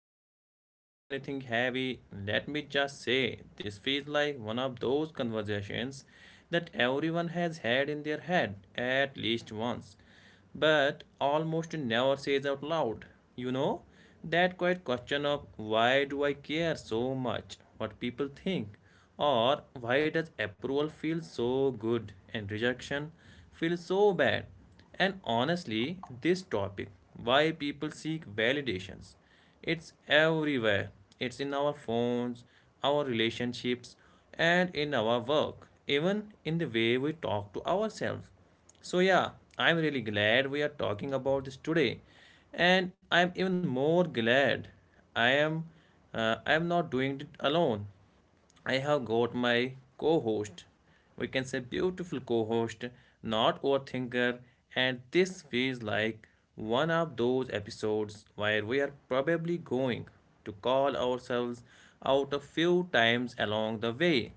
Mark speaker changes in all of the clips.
Speaker 1: before we jump into anything heavy, let me just say this feels like one of those conversations that everyone has had in their head at least once, but almost never says out loud. You know, that quiet question of why do I care so much what people think, or why does approval feel so good and rejection feels so bad? And honestly, this topic, why people seek validations, it's everywhere. It's in our phones, our relationships, and in our work, even in the way we talk to ourselves. So, yeah, I'm really glad we are talking about this today. And I'm even more glad I am, I am not doing it alone. I have got my co host, we can say beautiful co host, not overthinker, and this feels like one of those episodes where we are probably going to call ourselves out a few times along the way.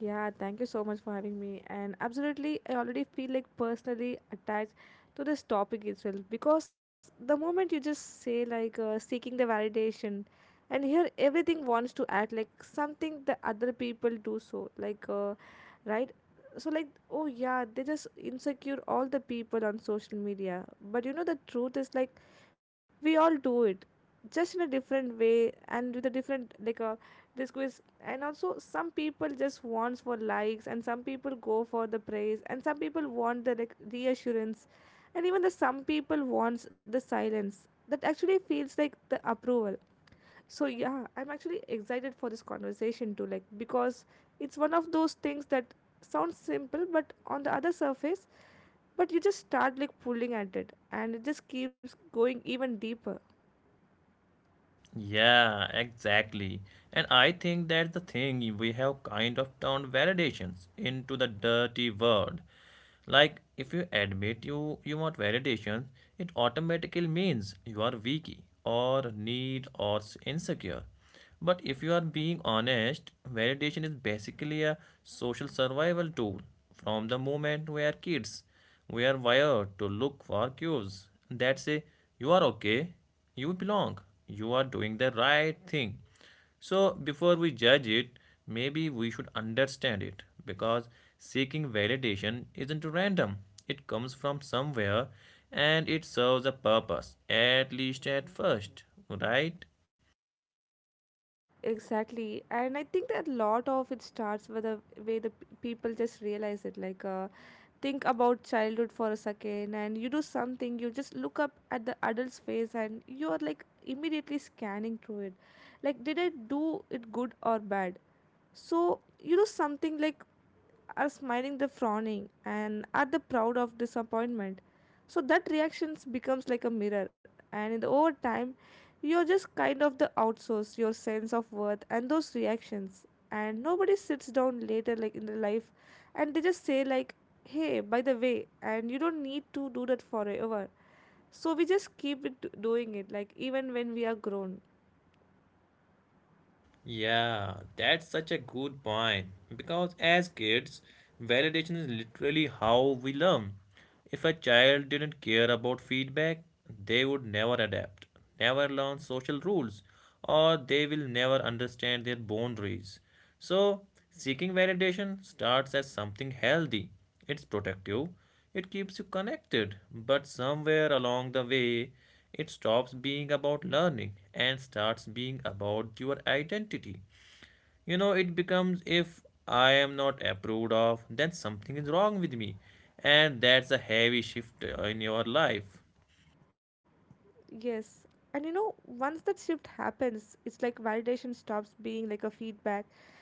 Speaker 2: Yeah, thank you so much for having me. And absolutely, I already feel like personally attached to this topic itself, because the moment you just say like seeking the validation, and here everything wants to act like something the other people do so like. Right. So like, oh yeah, they just insecure all the people on social media. But you know, the truth is like we all do it, just in a different way and with a different like a disguise. And also some people just wants for likes, and some people go for the praise, and some people want the like reassurance. And even the some people wants the silence that actually feels like the approval. So yeah, I'm actually excited for this conversation too, like because it's one of those things that sounds simple but on the other surface, but you just start like pulling at it and it just keeps going even deeper.
Speaker 1: Yeah, exactly. And I think that's the thing we have kind of turned validations into the dirty word. Like if you admit you want validations, it automatically means you are weak or need or insecure. But if you are being honest, validation is basically a social survival tool from the moment we are kids. We are wired to look for cues that say you are okay, you belong. You are doing the right thing. So, before we judge it, maybe we should understand it because seeking validation isn't random, it comes from somewhere and it serves a purpose, at least at first, right?
Speaker 2: Exactly, and I think that a lot of it starts with the way the people just realize it. Like, think about childhood for a second, and you do something, you just look up at the adult's face, and you are like immediately scanning through it. Like, did I do it good or bad? So, you do something like, are smiling the frowning and are the proud of disappointment. So that reactions becomes like a mirror, and in the over time you're just kind of the outsource your sense of worth and those reactions. And nobody sits down later, like in their life, and they just say, like, hey, by the way, and you don't need to do that forever. So we just keep it doing it, like, even when we are grown.
Speaker 1: Yeah, that's such a good point. Because as kids, validation is literally how we learn. If a child didn't care about feedback, they would never adapt, never learn social rules, or they will never understand their boundaries. So, seeking validation starts as something healthy. It's protective, it keeps you connected, but somewhere along the way, it stops being about learning and starts being about your identity. You know, it becomes if I am not approved of, then something is wrong with me. And that's a heavy shift in your life.
Speaker 2: Yes. And you know, once that shift happens, it's like validation stops being like a feedback,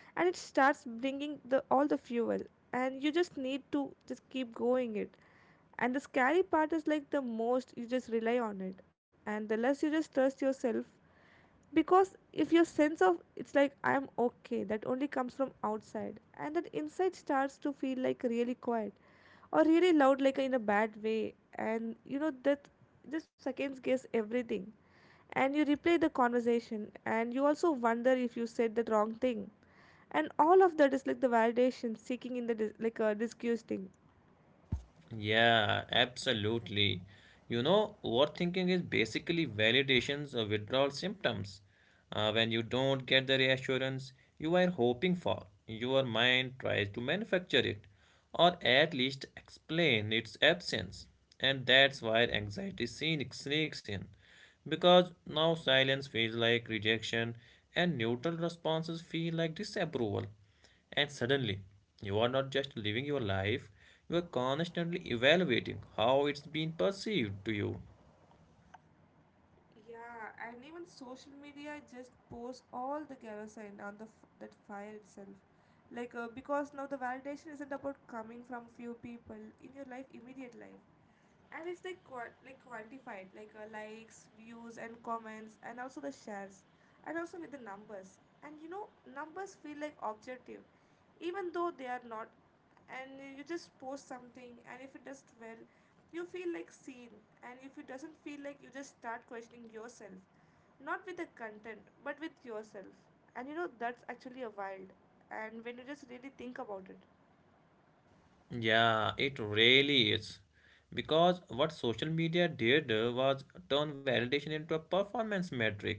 Speaker 2: and it starts bringing the all the fuel, and you just need to just keep going it. And the scary part is like the most you just rely on it and the less you just trust yourself, because if your sense of it's like I am okay that only comes from outside, and that inside starts to feel like really quiet or really loud, like in a bad way. And you know that just seconds guess everything, and you replay the conversation, and you also wonder if you said the wrong thing. And all of that is like the validation seeking in the like a disgusting.
Speaker 1: Yeah, absolutely. You know, overthinking is basically validations or withdrawal symptoms. When you don't get the reassurance you are hoping for, your mind tries to manufacture it or at least explain its absence. And that's why anxiety sneaks in. Because now silence feels like rejection and neutral responses feel like disapproval. And suddenly, you are not just living your life, you are constantly evaluating how it's been perceived to you.
Speaker 2: Yeah, and even social media just pours all the kerosene on the that fire itself. Like because now the validation isn't about coming from few people in your life, immediate life, and it's like like quantified, like likes, views, and comments, and also the shares, and also with the numbers. And you know, numbers feel like objective, even though they are not. And you just post something and if it does well, you feel like seen. And if it doesn't, feel like you just start questioning yourself, not with the content but with yourself. And you know, that's actually a wild, and when you just really think about it.
Speaker 1: Yeah, it really is. Because what social media did was turn validation into a performance metric,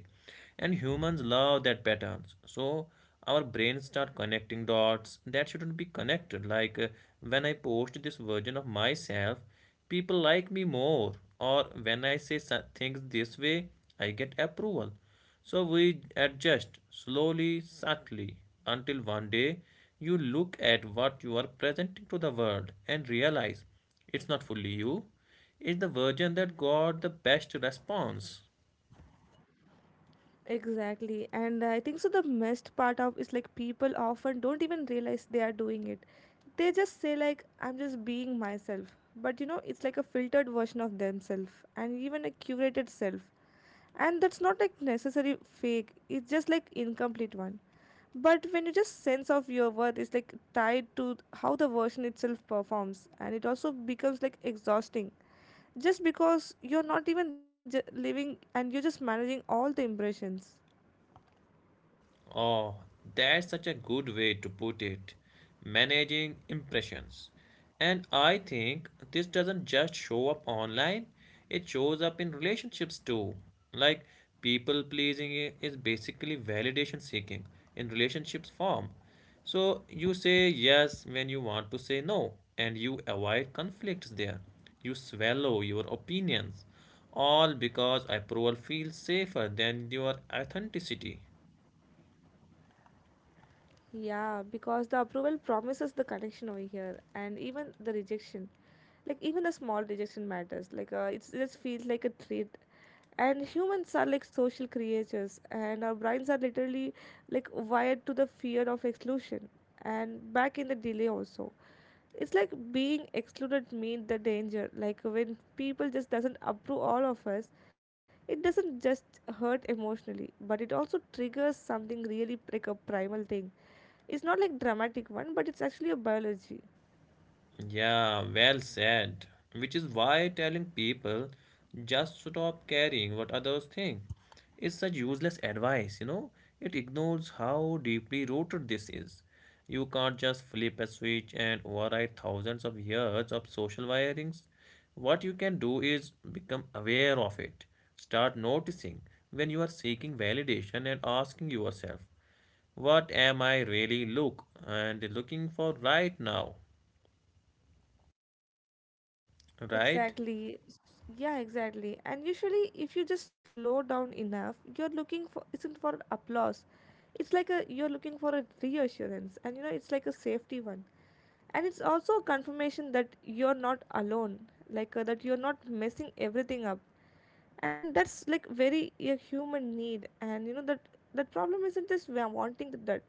Speaker 1: and humans love that patterns. So our brains start connecting dots that shouldn't be connected. Like when I post this version of myself, people like me more, or when I say things this way, I get approval. So we adjust slowly, subtly, until one day you look at what you are presenting to the world and realize it's not fully you, it's the version that got the best response.
Speaker 2: Exactly. And I think so the messed part of is like people often don't even realize they are doing it. They just say like, I'm just being myself. But you know, it's like a filtered version of themselves, and even a curated self. And that's not like necessary fake. It's just like incomplete one. But when you just sense of your worth is like tied to how the version itself performs, and it also becomes like exhausting, just because you're not even living, and you're just managing all the impressions.
Speaker 1: Oh, that's such a good way to put it. Managing impressions. And I think this doesn't just show up online, it shows up in relationships too. Like people pleasing is basically validation seeking in relationships form. So you say yes when you want to say no, and you avoid conflicts there. You swallow your opinions, all because approval feels safer than your authenticity.
Speaker 2: Yeah, because the approval promises the connection over here, and even the rejection, like even a small rejection matters. Like it's, it just feels like a treat. And humans are like social creatures, and our brains are literally like wired to the fear of exclusion, and back in the delay also. It's like being excluded mean the danger, like when people just doesn't approve all of us, it doesn't just hurt emotionally but it also triggers something really like a primal thing. It's not like dramatic one, but it's actually a biology.
Speaker 1: Yeah, well said. Which is why telling people just stop caring what others think is such useless advice, you know? It ignores how deeply rooted this is. You can't just flip a switch and override thousands of years of social wirings. What you can do is become aware of it. Start noticing when you are seeking validation and asking yourself, what am I really looking for right now? Right?
Speaker 2: Exactly. Yeah, exactly. And usually, if you just slow down enough, you're looking for isn't for applause. It's like a you're looking for a reassurance, and you know it's like a safety one, and it's also a confirmation that you're not alone, like that you're not messing everything up, and that's like very a human need. And you know that that problem isn't just we are wanting that.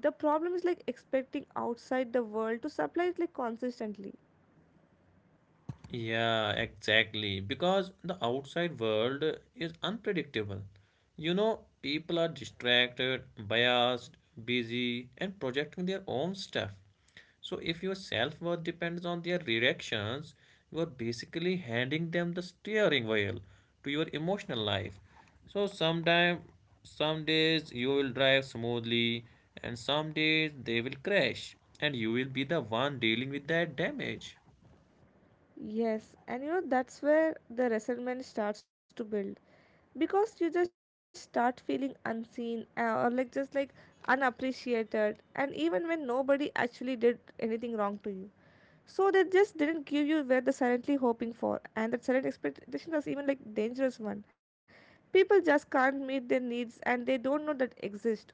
Speaker 2: The problem is like expecting outside the world to supply it like consistently.
Speaker 1: Yeah, exactly. Because the outside world is unpredictable. You know, people are distracted, biased, busy, and projecting their own stuff. So, if your self worth depends on their reactions, you are basically handing them the steering wheel to your emotional life. So, sometime, some days you will drive smoothly, and some days they will crash, and you will be the one dealing with that damage.
Speaker 2: Yes, and you know that's where the resentment starts to build, because you just start feeling unseen or like just like unappreciated, and even when nobody actually did anything wrong to you. So they just didn't give you where they're silently hoping for, and that silent expectation was even like dangerous one. People just can't meet their needs, and they don't know that exist.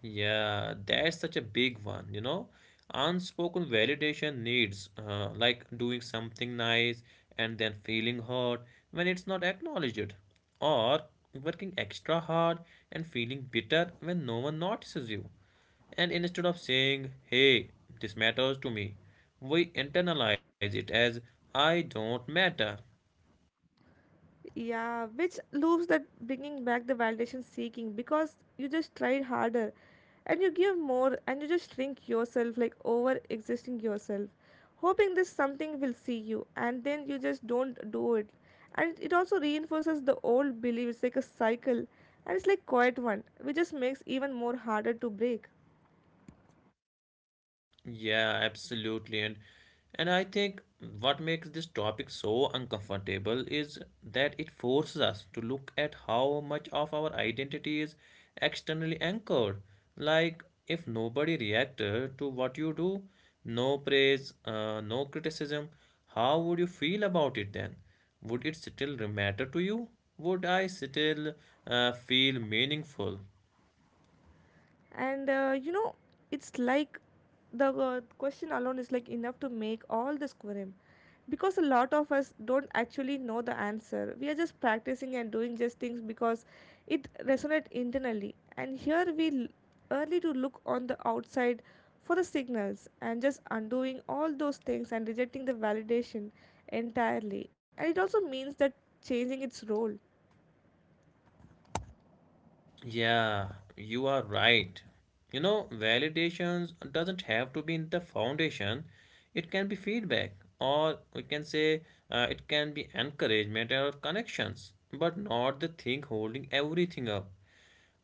Speaker 1: Yeah, that's such a big one, you know. Unspoken validation needs, like doing something nice and then feeling hurt when it's not acknowledged, or working extra hard and feeling bitter when no one notices you. And instead of saying, hey, this matters to me, we internalize it as, I don't matter.
Speaker 2: Yeah, which loops that bringing back the validation seeking, because you just tried harder and you give more and you just shrink yourself, like over existing yourself, hoping this something will see you, and then you just don't do it. And it also reinforces the old belief, it's like a cycle, and it's like quiet one, which just makes even more harder to break.
Speaker 1: Yeah, absolutely. And I think what makes this topic so uncomfortable is that it forces us to look at how much of our identity is externally anchored. Like if nobody reacted to what you do, no praise, no criticism, how would you feel about it then? Would it still matter to you? Would I still feel meaningful?
Speaker 2: And you know, it's like the question alone is like enough to make all this quorum, because a lot of us don't actually know the answer. We are just practicing and doing just things because it resonates internally. And here we early to look on the outside for the signals, and just undoing all those things and rejecting the validation entirely. And it also means that changing its role.
Speaker 1: Yeah, you are right. You know, validations doesn't have to be in the foundation. It can be feedback, or we can say it can be encouragement or connections, but not the thing holding everything up.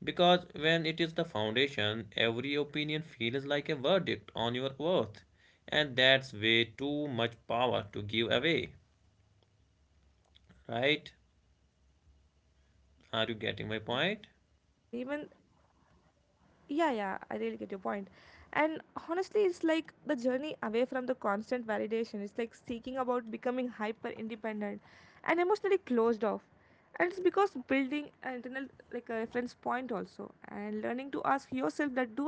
Speaker 1: Because when it is the foundation, every opinion feels like a verdict on your worth, and that's way too much power to give away, right?
Speaker 2: Exactly,
Speaker 1: Are
Speaker 2: and
Speaker 1: you
Speaker 2: even.
Speaker 1: getting my point?
Speaker 2: Yeah, yeah, I really get your point. And honestly, it's like the journey away from the constant validation. It's like seeking about becoming hyper independent and emotionally closed off. And it's because building an internal like a reference point also, and learning to ask yourself that, do I approve this?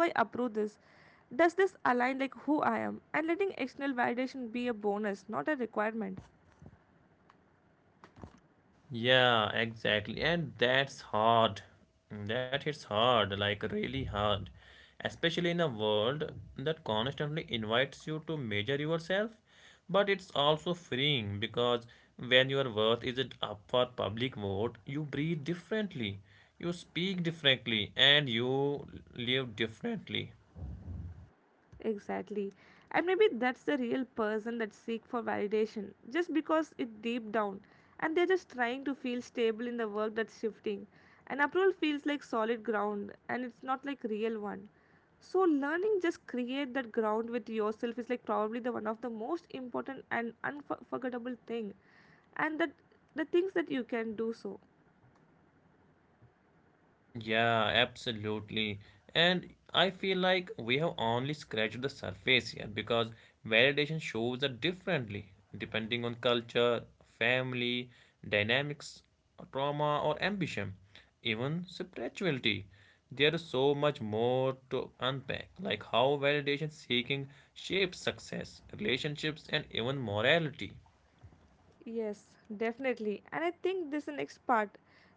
Speaker 2: Does this align like who I am? And letting external validation be a bonus, not a requirement.
Speaker 1: Yeah, exactly. And that's hard. That hits hard, like really hard. Especially in a world that constantly invites you to measure yourself. But it's also freeing because when your worth isn't up for public vote, you breathe differently, you speak differently, and you live differently.
Speaker 2: Exactly. And maybe that's the real person that seek for validation, just because it deep down, and they're just trying to feel stable in the work that's shifting. And approval feels like solid ground, and it's not like real one. So learning just create that ground with yourself is like probably the one of the most important and unforgettable thing, and that the things that you can do so.
Speaker 1: Yeah, absolutely. And I feel like we have only scratched the surface here because validation shows up differently depending on culture, family, dynamics, trauma, or ambition, even spirituality. There is so much more to unpack, like how validation seeking shapes success, relationships, and even morality.
Speaker 2: Yes, definitely. And I think this next part,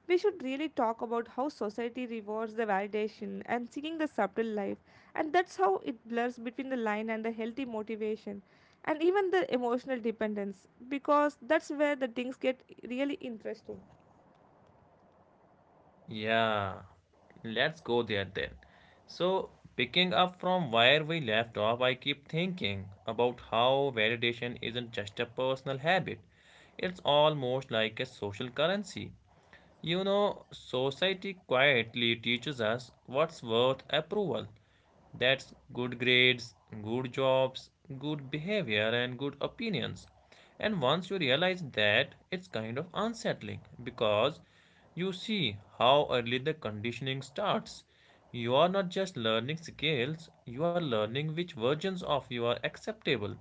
Speaker 2: we should really talk about how society rewards the validation and seeking the subtle life. And that's how it blurs between the line and the healthy motivation and even the emotional dependence, because that's where the things get really interesting.
Speaker 1: Yeah, let's go there then. So, picking up from where we left off, I keep thinking about how validation isn't just a personal habit, it's almost like a social currency. You know, society quietly teaches us what's worth approval. That's good grades, good jobs, good behavior, and good opinions. And once you realize that, it's kind of unsettling because you see how early the conditioning starts. You are not just learning skills, you are learning which versions of you are acceptable.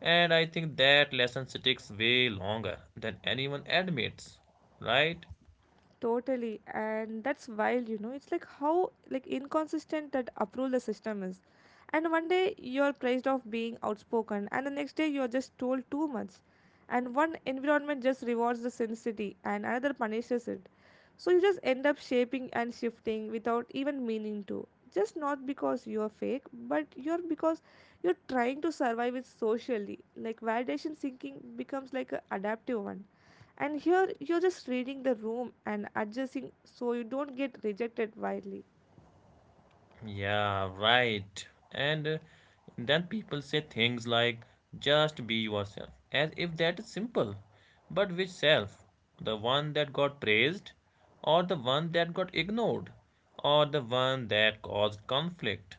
Speaker 1: And I think that lesson sticks way longer than anyone admits, right?
Speaker 2: Totally, and that's wild, you know. It's like how like inconsistent that approval the system is. And one day you're praised of being outspoken, and the next day you're just told too much. And one environment just rewards the sincerity, and another punishes it. So you just end up shaping and shifting without even meaning to, just not because you're fake, but you're because you're trying to survive it socially. Like validation seeking becomes like an adaptive one, and here you're just reading the room and adjusting so you don't get rejected widely.
Speaker 1: Yeah, right. And then people say things like, just be yourself, as if that is simple. But which self? The one that got praised, or the one that got ignored, or the one that caused conflict?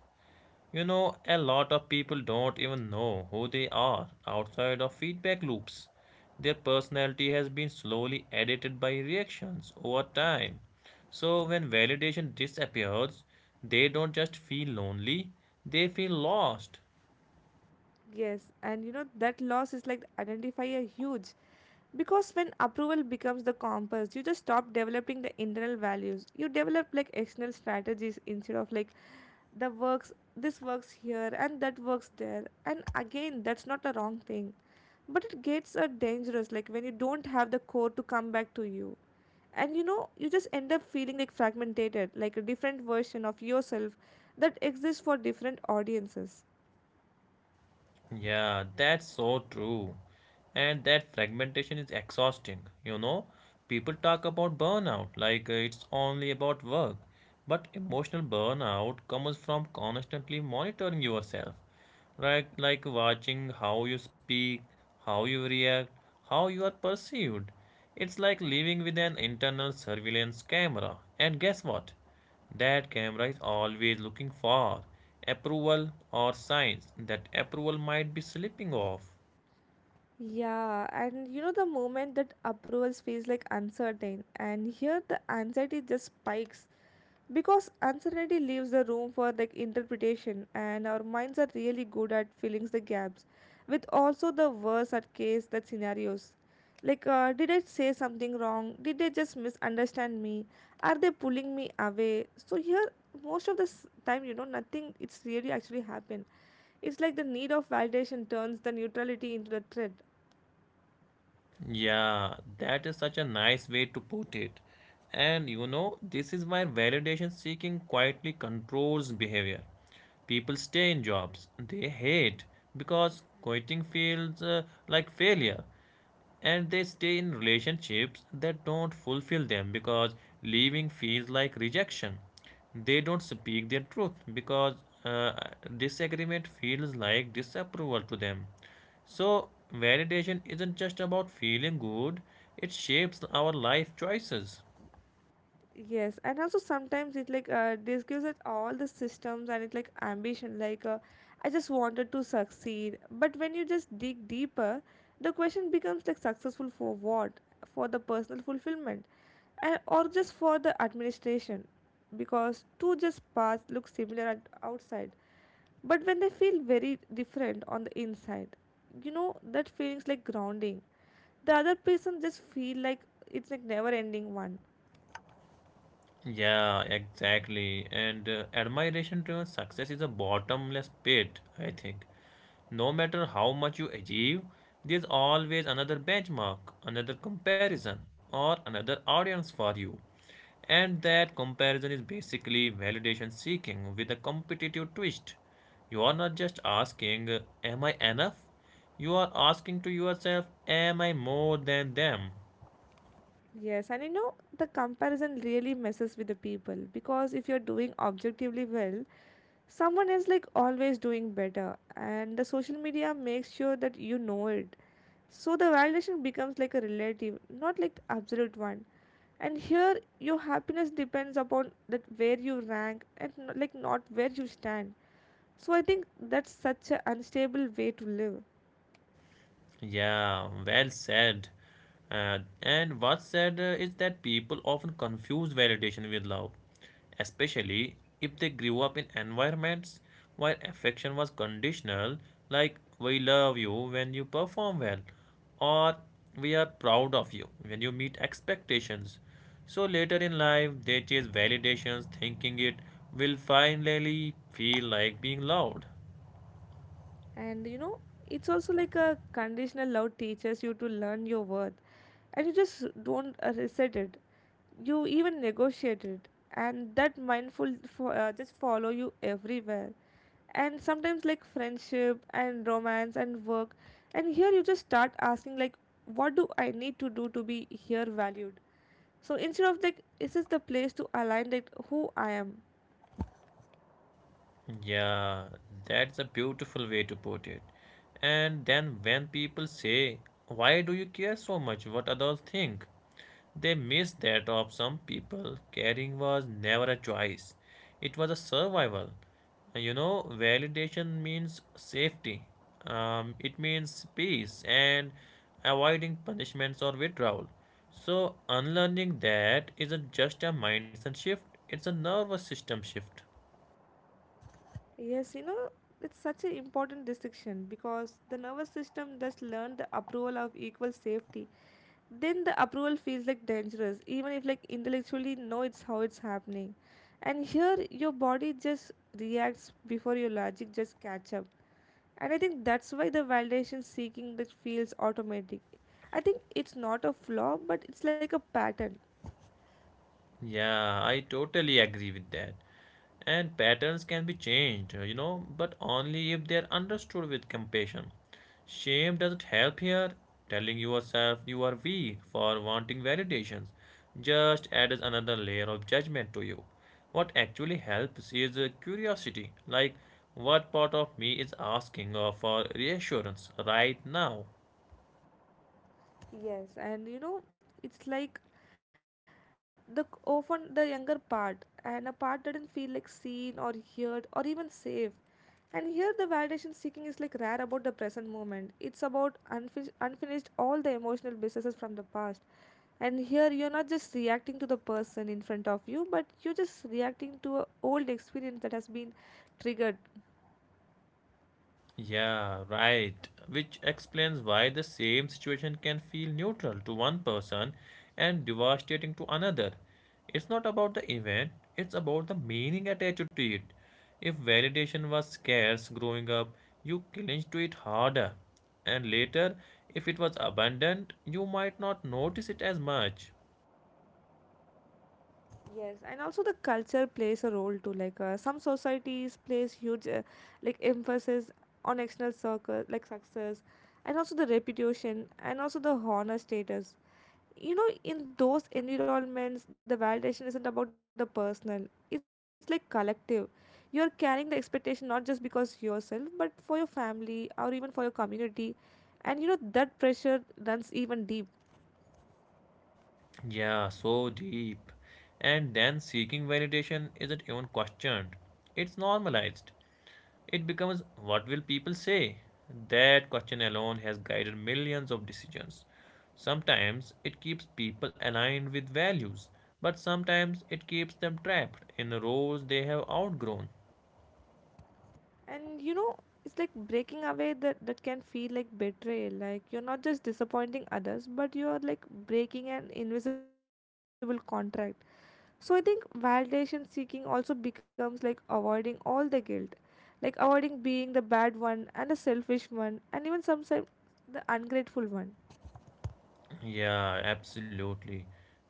Speaker 1: You know, a lot of people don't even know who they are outside of feedback loops. Their personality has been slowly edited by reactions over time. So, when validation disappears, they don't just feel lonely, they feel lost.
Speaker 2: Yes, and you know that loss is like identify a huge, because when approval becomes the compass, you just stop developing the internal values. You develop like external strategies instead of like the works this works here and that works there. And again, that's not a wrong thing. But it gets dangerous, like when you don't have the core to come back to you. And you know, you just end up feeling like fragmented, like a different version of yourself that exists for different audiences.
Speaker 1: Yeah, that's so true. And that fragmentation is exhausting, you know. People talk about burnout like it's only about work, but emotional burnout comes from constantly monitoring yourself, right? Like watching how you speak, how you react, how you are perceived. It's like living with an internal surveillance camera. And guess what? That camera is always looking for approval or signs that approval might be slipping off.
Speaker 2: Yeah, and you know the moment that approvals feels like uncertain, and here the anxiety just spikes, because uncertainty leaves the room for like interpretation, and our minds are really good at filling the gaps with also the worst at case that scenarios. Like, did I say something wrong? Did they just misunderstand me? Are they pulling me away? So here, most of the time, you know, nothing. It's really actually happened. It's like the need of validation turns the neutrality into the threat.
Speaker 1: Yeah, that is such a nice way to put it. And you know, this is why validation seeking quietly controls behavior. People stay in jobs they hate because quitting feels like failure. And they stay in relationships that don't fulfill them because leaving feels like rejection. They don't speak their truth because uh, disagreement feels like disapproval to them. So, validation isn't just about feeling good, it shapes our life choices.
Speaker 2: Yes, and also sometimes it like this gives us all the systems and it like ambition. Like I just wanted to succeed, but when you just dig deeper, the question becomes like, successful for what? For the personal fulfillment, and or just for the administration, because two just paths look similar at outside, but when they feel very different on the inside, you know that feelings like grounding. The other person just feel like it's like never ending one.
Speaker 1: Yeah, exactly. And admiration driven success is a bottomless pit, I think. No matter how much you achieve, there's always another benchmark, another comparison, or another audience for you. And that comparison is basically validation seeking with a competitive twist. You are not just asking, am I enough? You are asking to yourself, am I more than them?
Speaker 2: Yes, and you know, the comparison really messes with the people because if you're doing objectively well, someone is like always doing better, and the social media makes sure that you know it. So the validation becomes like a relative, not like absolute one. And here, your happiness depends upon that where you rank and like not where you stand. So I think that's such an unstable way to live.
Speaker 1: Yeah, well said. And what's sad is that people often confuse validation with love, especially if they grew up in environments where affection was conditional, like we love you when you perform well, or we are proud of you when you meet expectations. So later in life, they chase validations, thinking it will finally feel like being loved.
Speaker 2: And you know, it's also like a conditional love teaches you to learn your worth, and you just don't reset it, you even negotiate it, and that mindful just follow you everywhere, and sometimes like friendship and romance and work. And here you just start asking like, what do I need to do to be here valued? So instead of like, is this the place to align like who I am?
Speaker 1: Yeah, that's a beautiful way to put it. And then when people say, why do you care so much what others think? They miss that of some people, caring was never a choice, it was a survival. You know, validation means safety, it means peace and avoiding punishments or withdrawal. So, unlearning that isn't just a mindset shift, it's a nervous system shift.
Speaker 2: Yes, you know, it's such an important distinction because the nervous system just learned the approval of equal safety. Then the approval feels like dangerous, even if like intellectually know it's how it's happening. And here your body just reacts before your logic just catch up. And I think that's why the validation seeking that feels automatic. I think it's not a flaw, but it's like a pattern.
Speaker 1: Yeah, I totally agree with that. And patterns can be changed, you know, but only if they are understood with compassion. Shame doesn't help here. Telling yourself you are weak for wanting validations just adds another layer of judgment to you. What actually helps is curiosity, like what part of me is asking for reassurance right now.
Speaker 2: Yes, and you know, it's like the often the younger part and a part didn't feel like seen or heard or even safe. And here the validation seeking is like rare about the present moment. It's about unfinished, unfinished all the emotional businesses from the past. And here you're not just reacting to the person in front of you, but you're just reacting to a old experience that has been triggered.
Speaker 1: Yeah, right. Which explains why the same situation can feel neutral to one person and devastating to another. It's not about the event, it's about the meaning attached to it. If validation was scarce growing up, you cling to it harder. And later, if it was abundant, you might not notice it as much.
Speaker 2: Yes, and also the culture plays a role too. Like some societies place huge, like emphasis on external circle, like success, and also the reputation, and also the honor status. You know, in those environments, the validation isn't about the personal; it's like collective. You're carrying the expectation not just because yourself, but for your family or even for your community, and you know that pressure runs even deep.
Speaker 1: Yeah, so deep. And then seeking validation isn't even questioned. It's normalized. It becomes what will people say? That question alone has guided millions of decisions. Sometimes it keeps people aligned with values, but sometimes it keeps them trapped in roles they have outgrown.
Speaker 2: And you know, it's like breaking away that can feel like betrayal, like you're not just disappointing others, but you're like breaking an invisible contract. So I think validation seeking also becomes like avoiding all the guilt, like avoiding being the bad one and the selfish one and even sometimes the ungrateful one.
Speaker 1: Yeah, absolutely.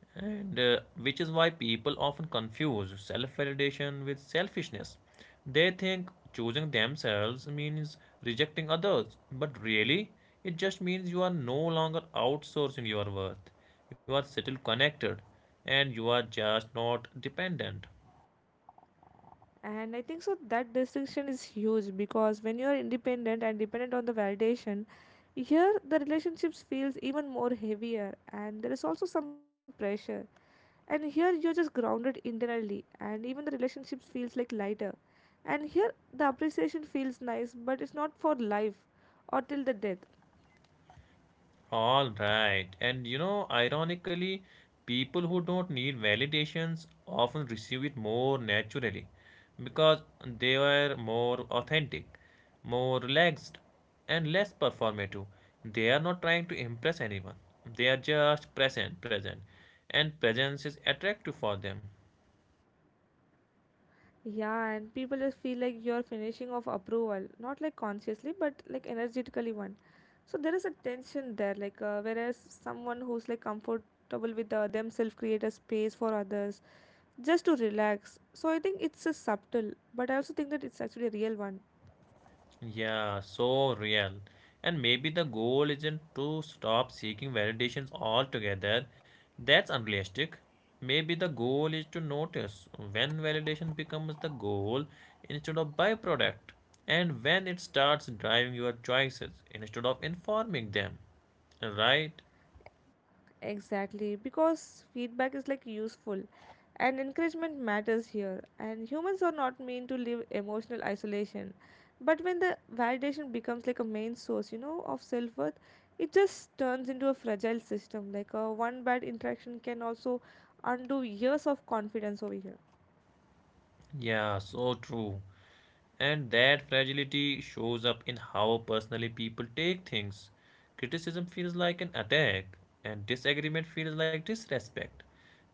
Speaker 1: And which is why people often confuse self validation with selfishness. They think choosing themselves means rejecting others, but really, it just means you are no longer outsourcing your worth. You are still connected and you are just not dependent.
Speaker 2: And I think so that distinction is huge, because when you are independent and dependent on the validation, here the relationships feels even more heavier and there is also some pressure. And here you're just grounded internally and even the relationships feels like lighter. And here the appreciation feels nice, but it's not for life or till the death.
Speaker 1: All right. And you know, ironically, people who don't need validations often receive it more naturally because they were more authentic, more relaxed, and less performative. They are not trying to impress anyone. They are just present, present. And presence is attractive for them.
Speaker 2: Yeah, and people just feel like you're finishing off approval, not like consciously, but like energetically one. So there is a tension there, like whereas someone who's like comfortable with themselves create a space for others just to relax. So I think it's a subtle, but I also think that it's actually a real one.
Speaker 1: Yeah, so real. And maybe the goal isn't to stop seeking validations altogether. That's unrealistic. Maybe the goal is to notice when validation becomes the goal instead of byproduct, and when it starts driving your choices instead of informing them. Right?
Speaker 2: Exactly, because feedback is like useful and encouragement matters here. And humans are not meant to live emotional isolation. But when the validation becomes like a main source, you know, of self worth, it just turns into a fragile system. Like a one bad interaction can also undo years of confidence over here.
Speaker 1: Yeah, so true. And that fragility shows up in how personally people take things. Criticism feels like an attack, and disagreement feels like disrespect.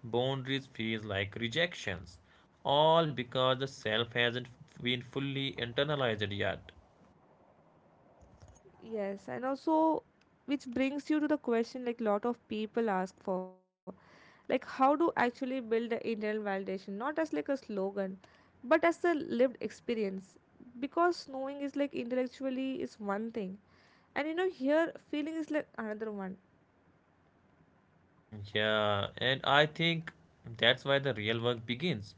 Speaker 1: Boundaries feels like rejections. All because the self hasn't been fully internalized yet.
Speaker 2: Yes, and also which brings you to the question like lot of people ask for. Like how to actually build the internal validation, not as like a slogan, but as a lived experience. Because knowing is like intellectually is one thing. And you know here feeling is like another one.
Speaker 1: Yeah, and I think that's why the real work begins.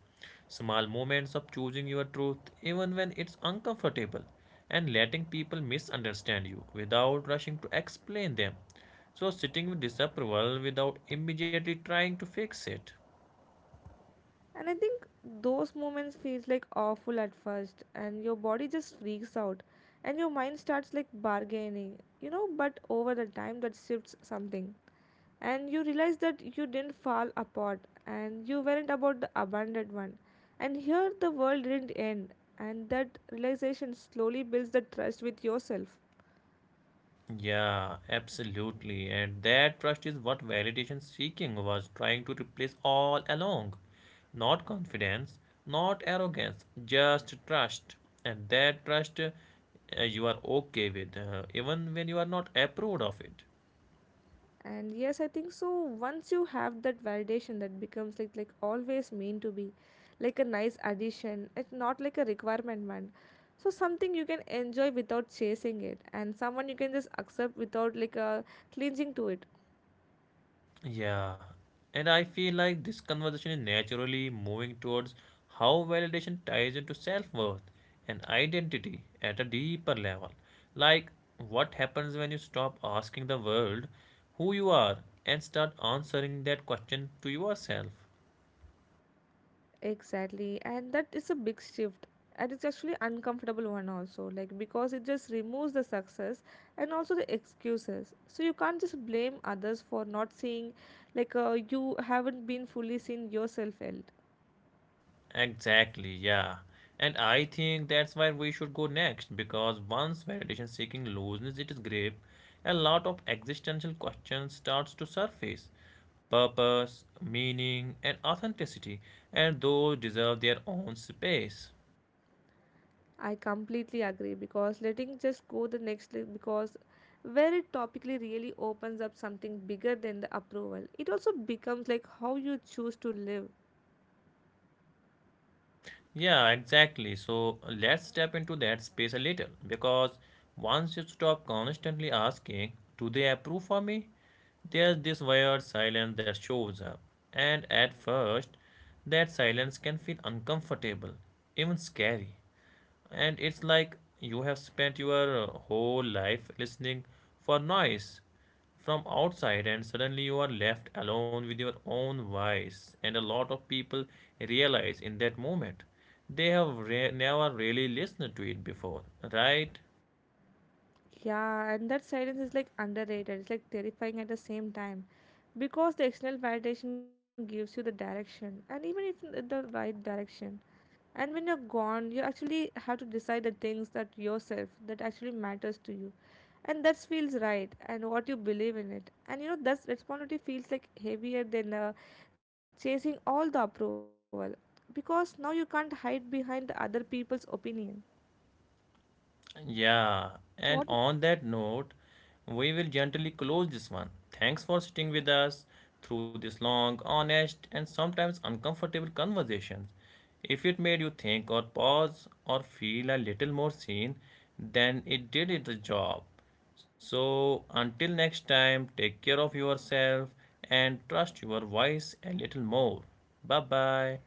Speaker 1: Small moments of choosing your truth, even when it's uncomfortable, and letting people misunderstand you without rushing to explain them. So, sitting with disapproval without immediately trying to fix it.
Speaker 2: And I think those moments feels like awful at first and your body just freaks out and your mind starts like bargaining, you know, but over the time that shifts something. And you realize that you didn't fall apart, and you weren't about the abandoned one, and here the world didn't end, and that realization slowly builds the trust with yourself.
Speaker 1: Yeah, absolutely. And that trust is what validation seeking was trying to replace all along. Not confidence, not arrogance, just trust. And that trust you are okay with, even when you are not approved of it.
Speaker 2: And yes, I think so once you have that validation, that becomes like always meant to be like a nice addition, it's not like a requirement one. So something you can enjoy without chasing it, and someone you can just accept without like a cleansing to it.
Speaker 1: Yeah, and I feel like this conversation is naturally moving towards how validation ties into self worth and identity at a deeper level. Like, what happens when you stop asking the world who you are and start answering that question to yourself?
Speaker 2: Exactly, and that is a big shift, and it's actually uncomfortable one also, like because it just removes the success and also the excuses. So you can't just blame others for not seeing, like you haven't been fully seen yourself yet.
Speaker 1: Exactly, yeah. And I think that's where we should go next because once validation seeking loses its grip, a lot of existential questions starts to surface. Purpose, meaning, and authenticity, and those deserve their own space.
Speaker 2: I completely agree because letting just go the next because where it topically really opens up something bigger than the approval. It also becomes like how you choose to live.
Speaker 1: Yeah, exactly. So let's step into that space a little because once you stop constantly asking, do they approve for me? There's this weird silence that shows up. And at first, that silence can feel uncomfortable, even scary, and it's like you have spent your whole life listening for noise from outside, and suddenly you are left alone with your own voice, and a lot of people realize in that moment they have never really listened to it before. Right?
Speaker 2: Yeah, and that silence is like underrated. It's like terrifying at the same time because the external validation gives you the direction and even if the right direction. And when you're gone, you actually have to decide the things that yourself that actually matters to you. And that feels right and what you believe in it. And you know that responsibility feels like heavier than chasing all the approval, because now you can't hide behind the other people's opinion.
Speaker 1: Yeah, and on
Speaker 2: So what?
Speaker 1: that note, we will gently close this one. Thanks for sitting with us through this long, honest, and sometimes uncomfortable conversations. If it made you think or pause or feel a little more seen, then it did its job. So, until next time, take care of yourself and trust your voice a little more. Bye bye.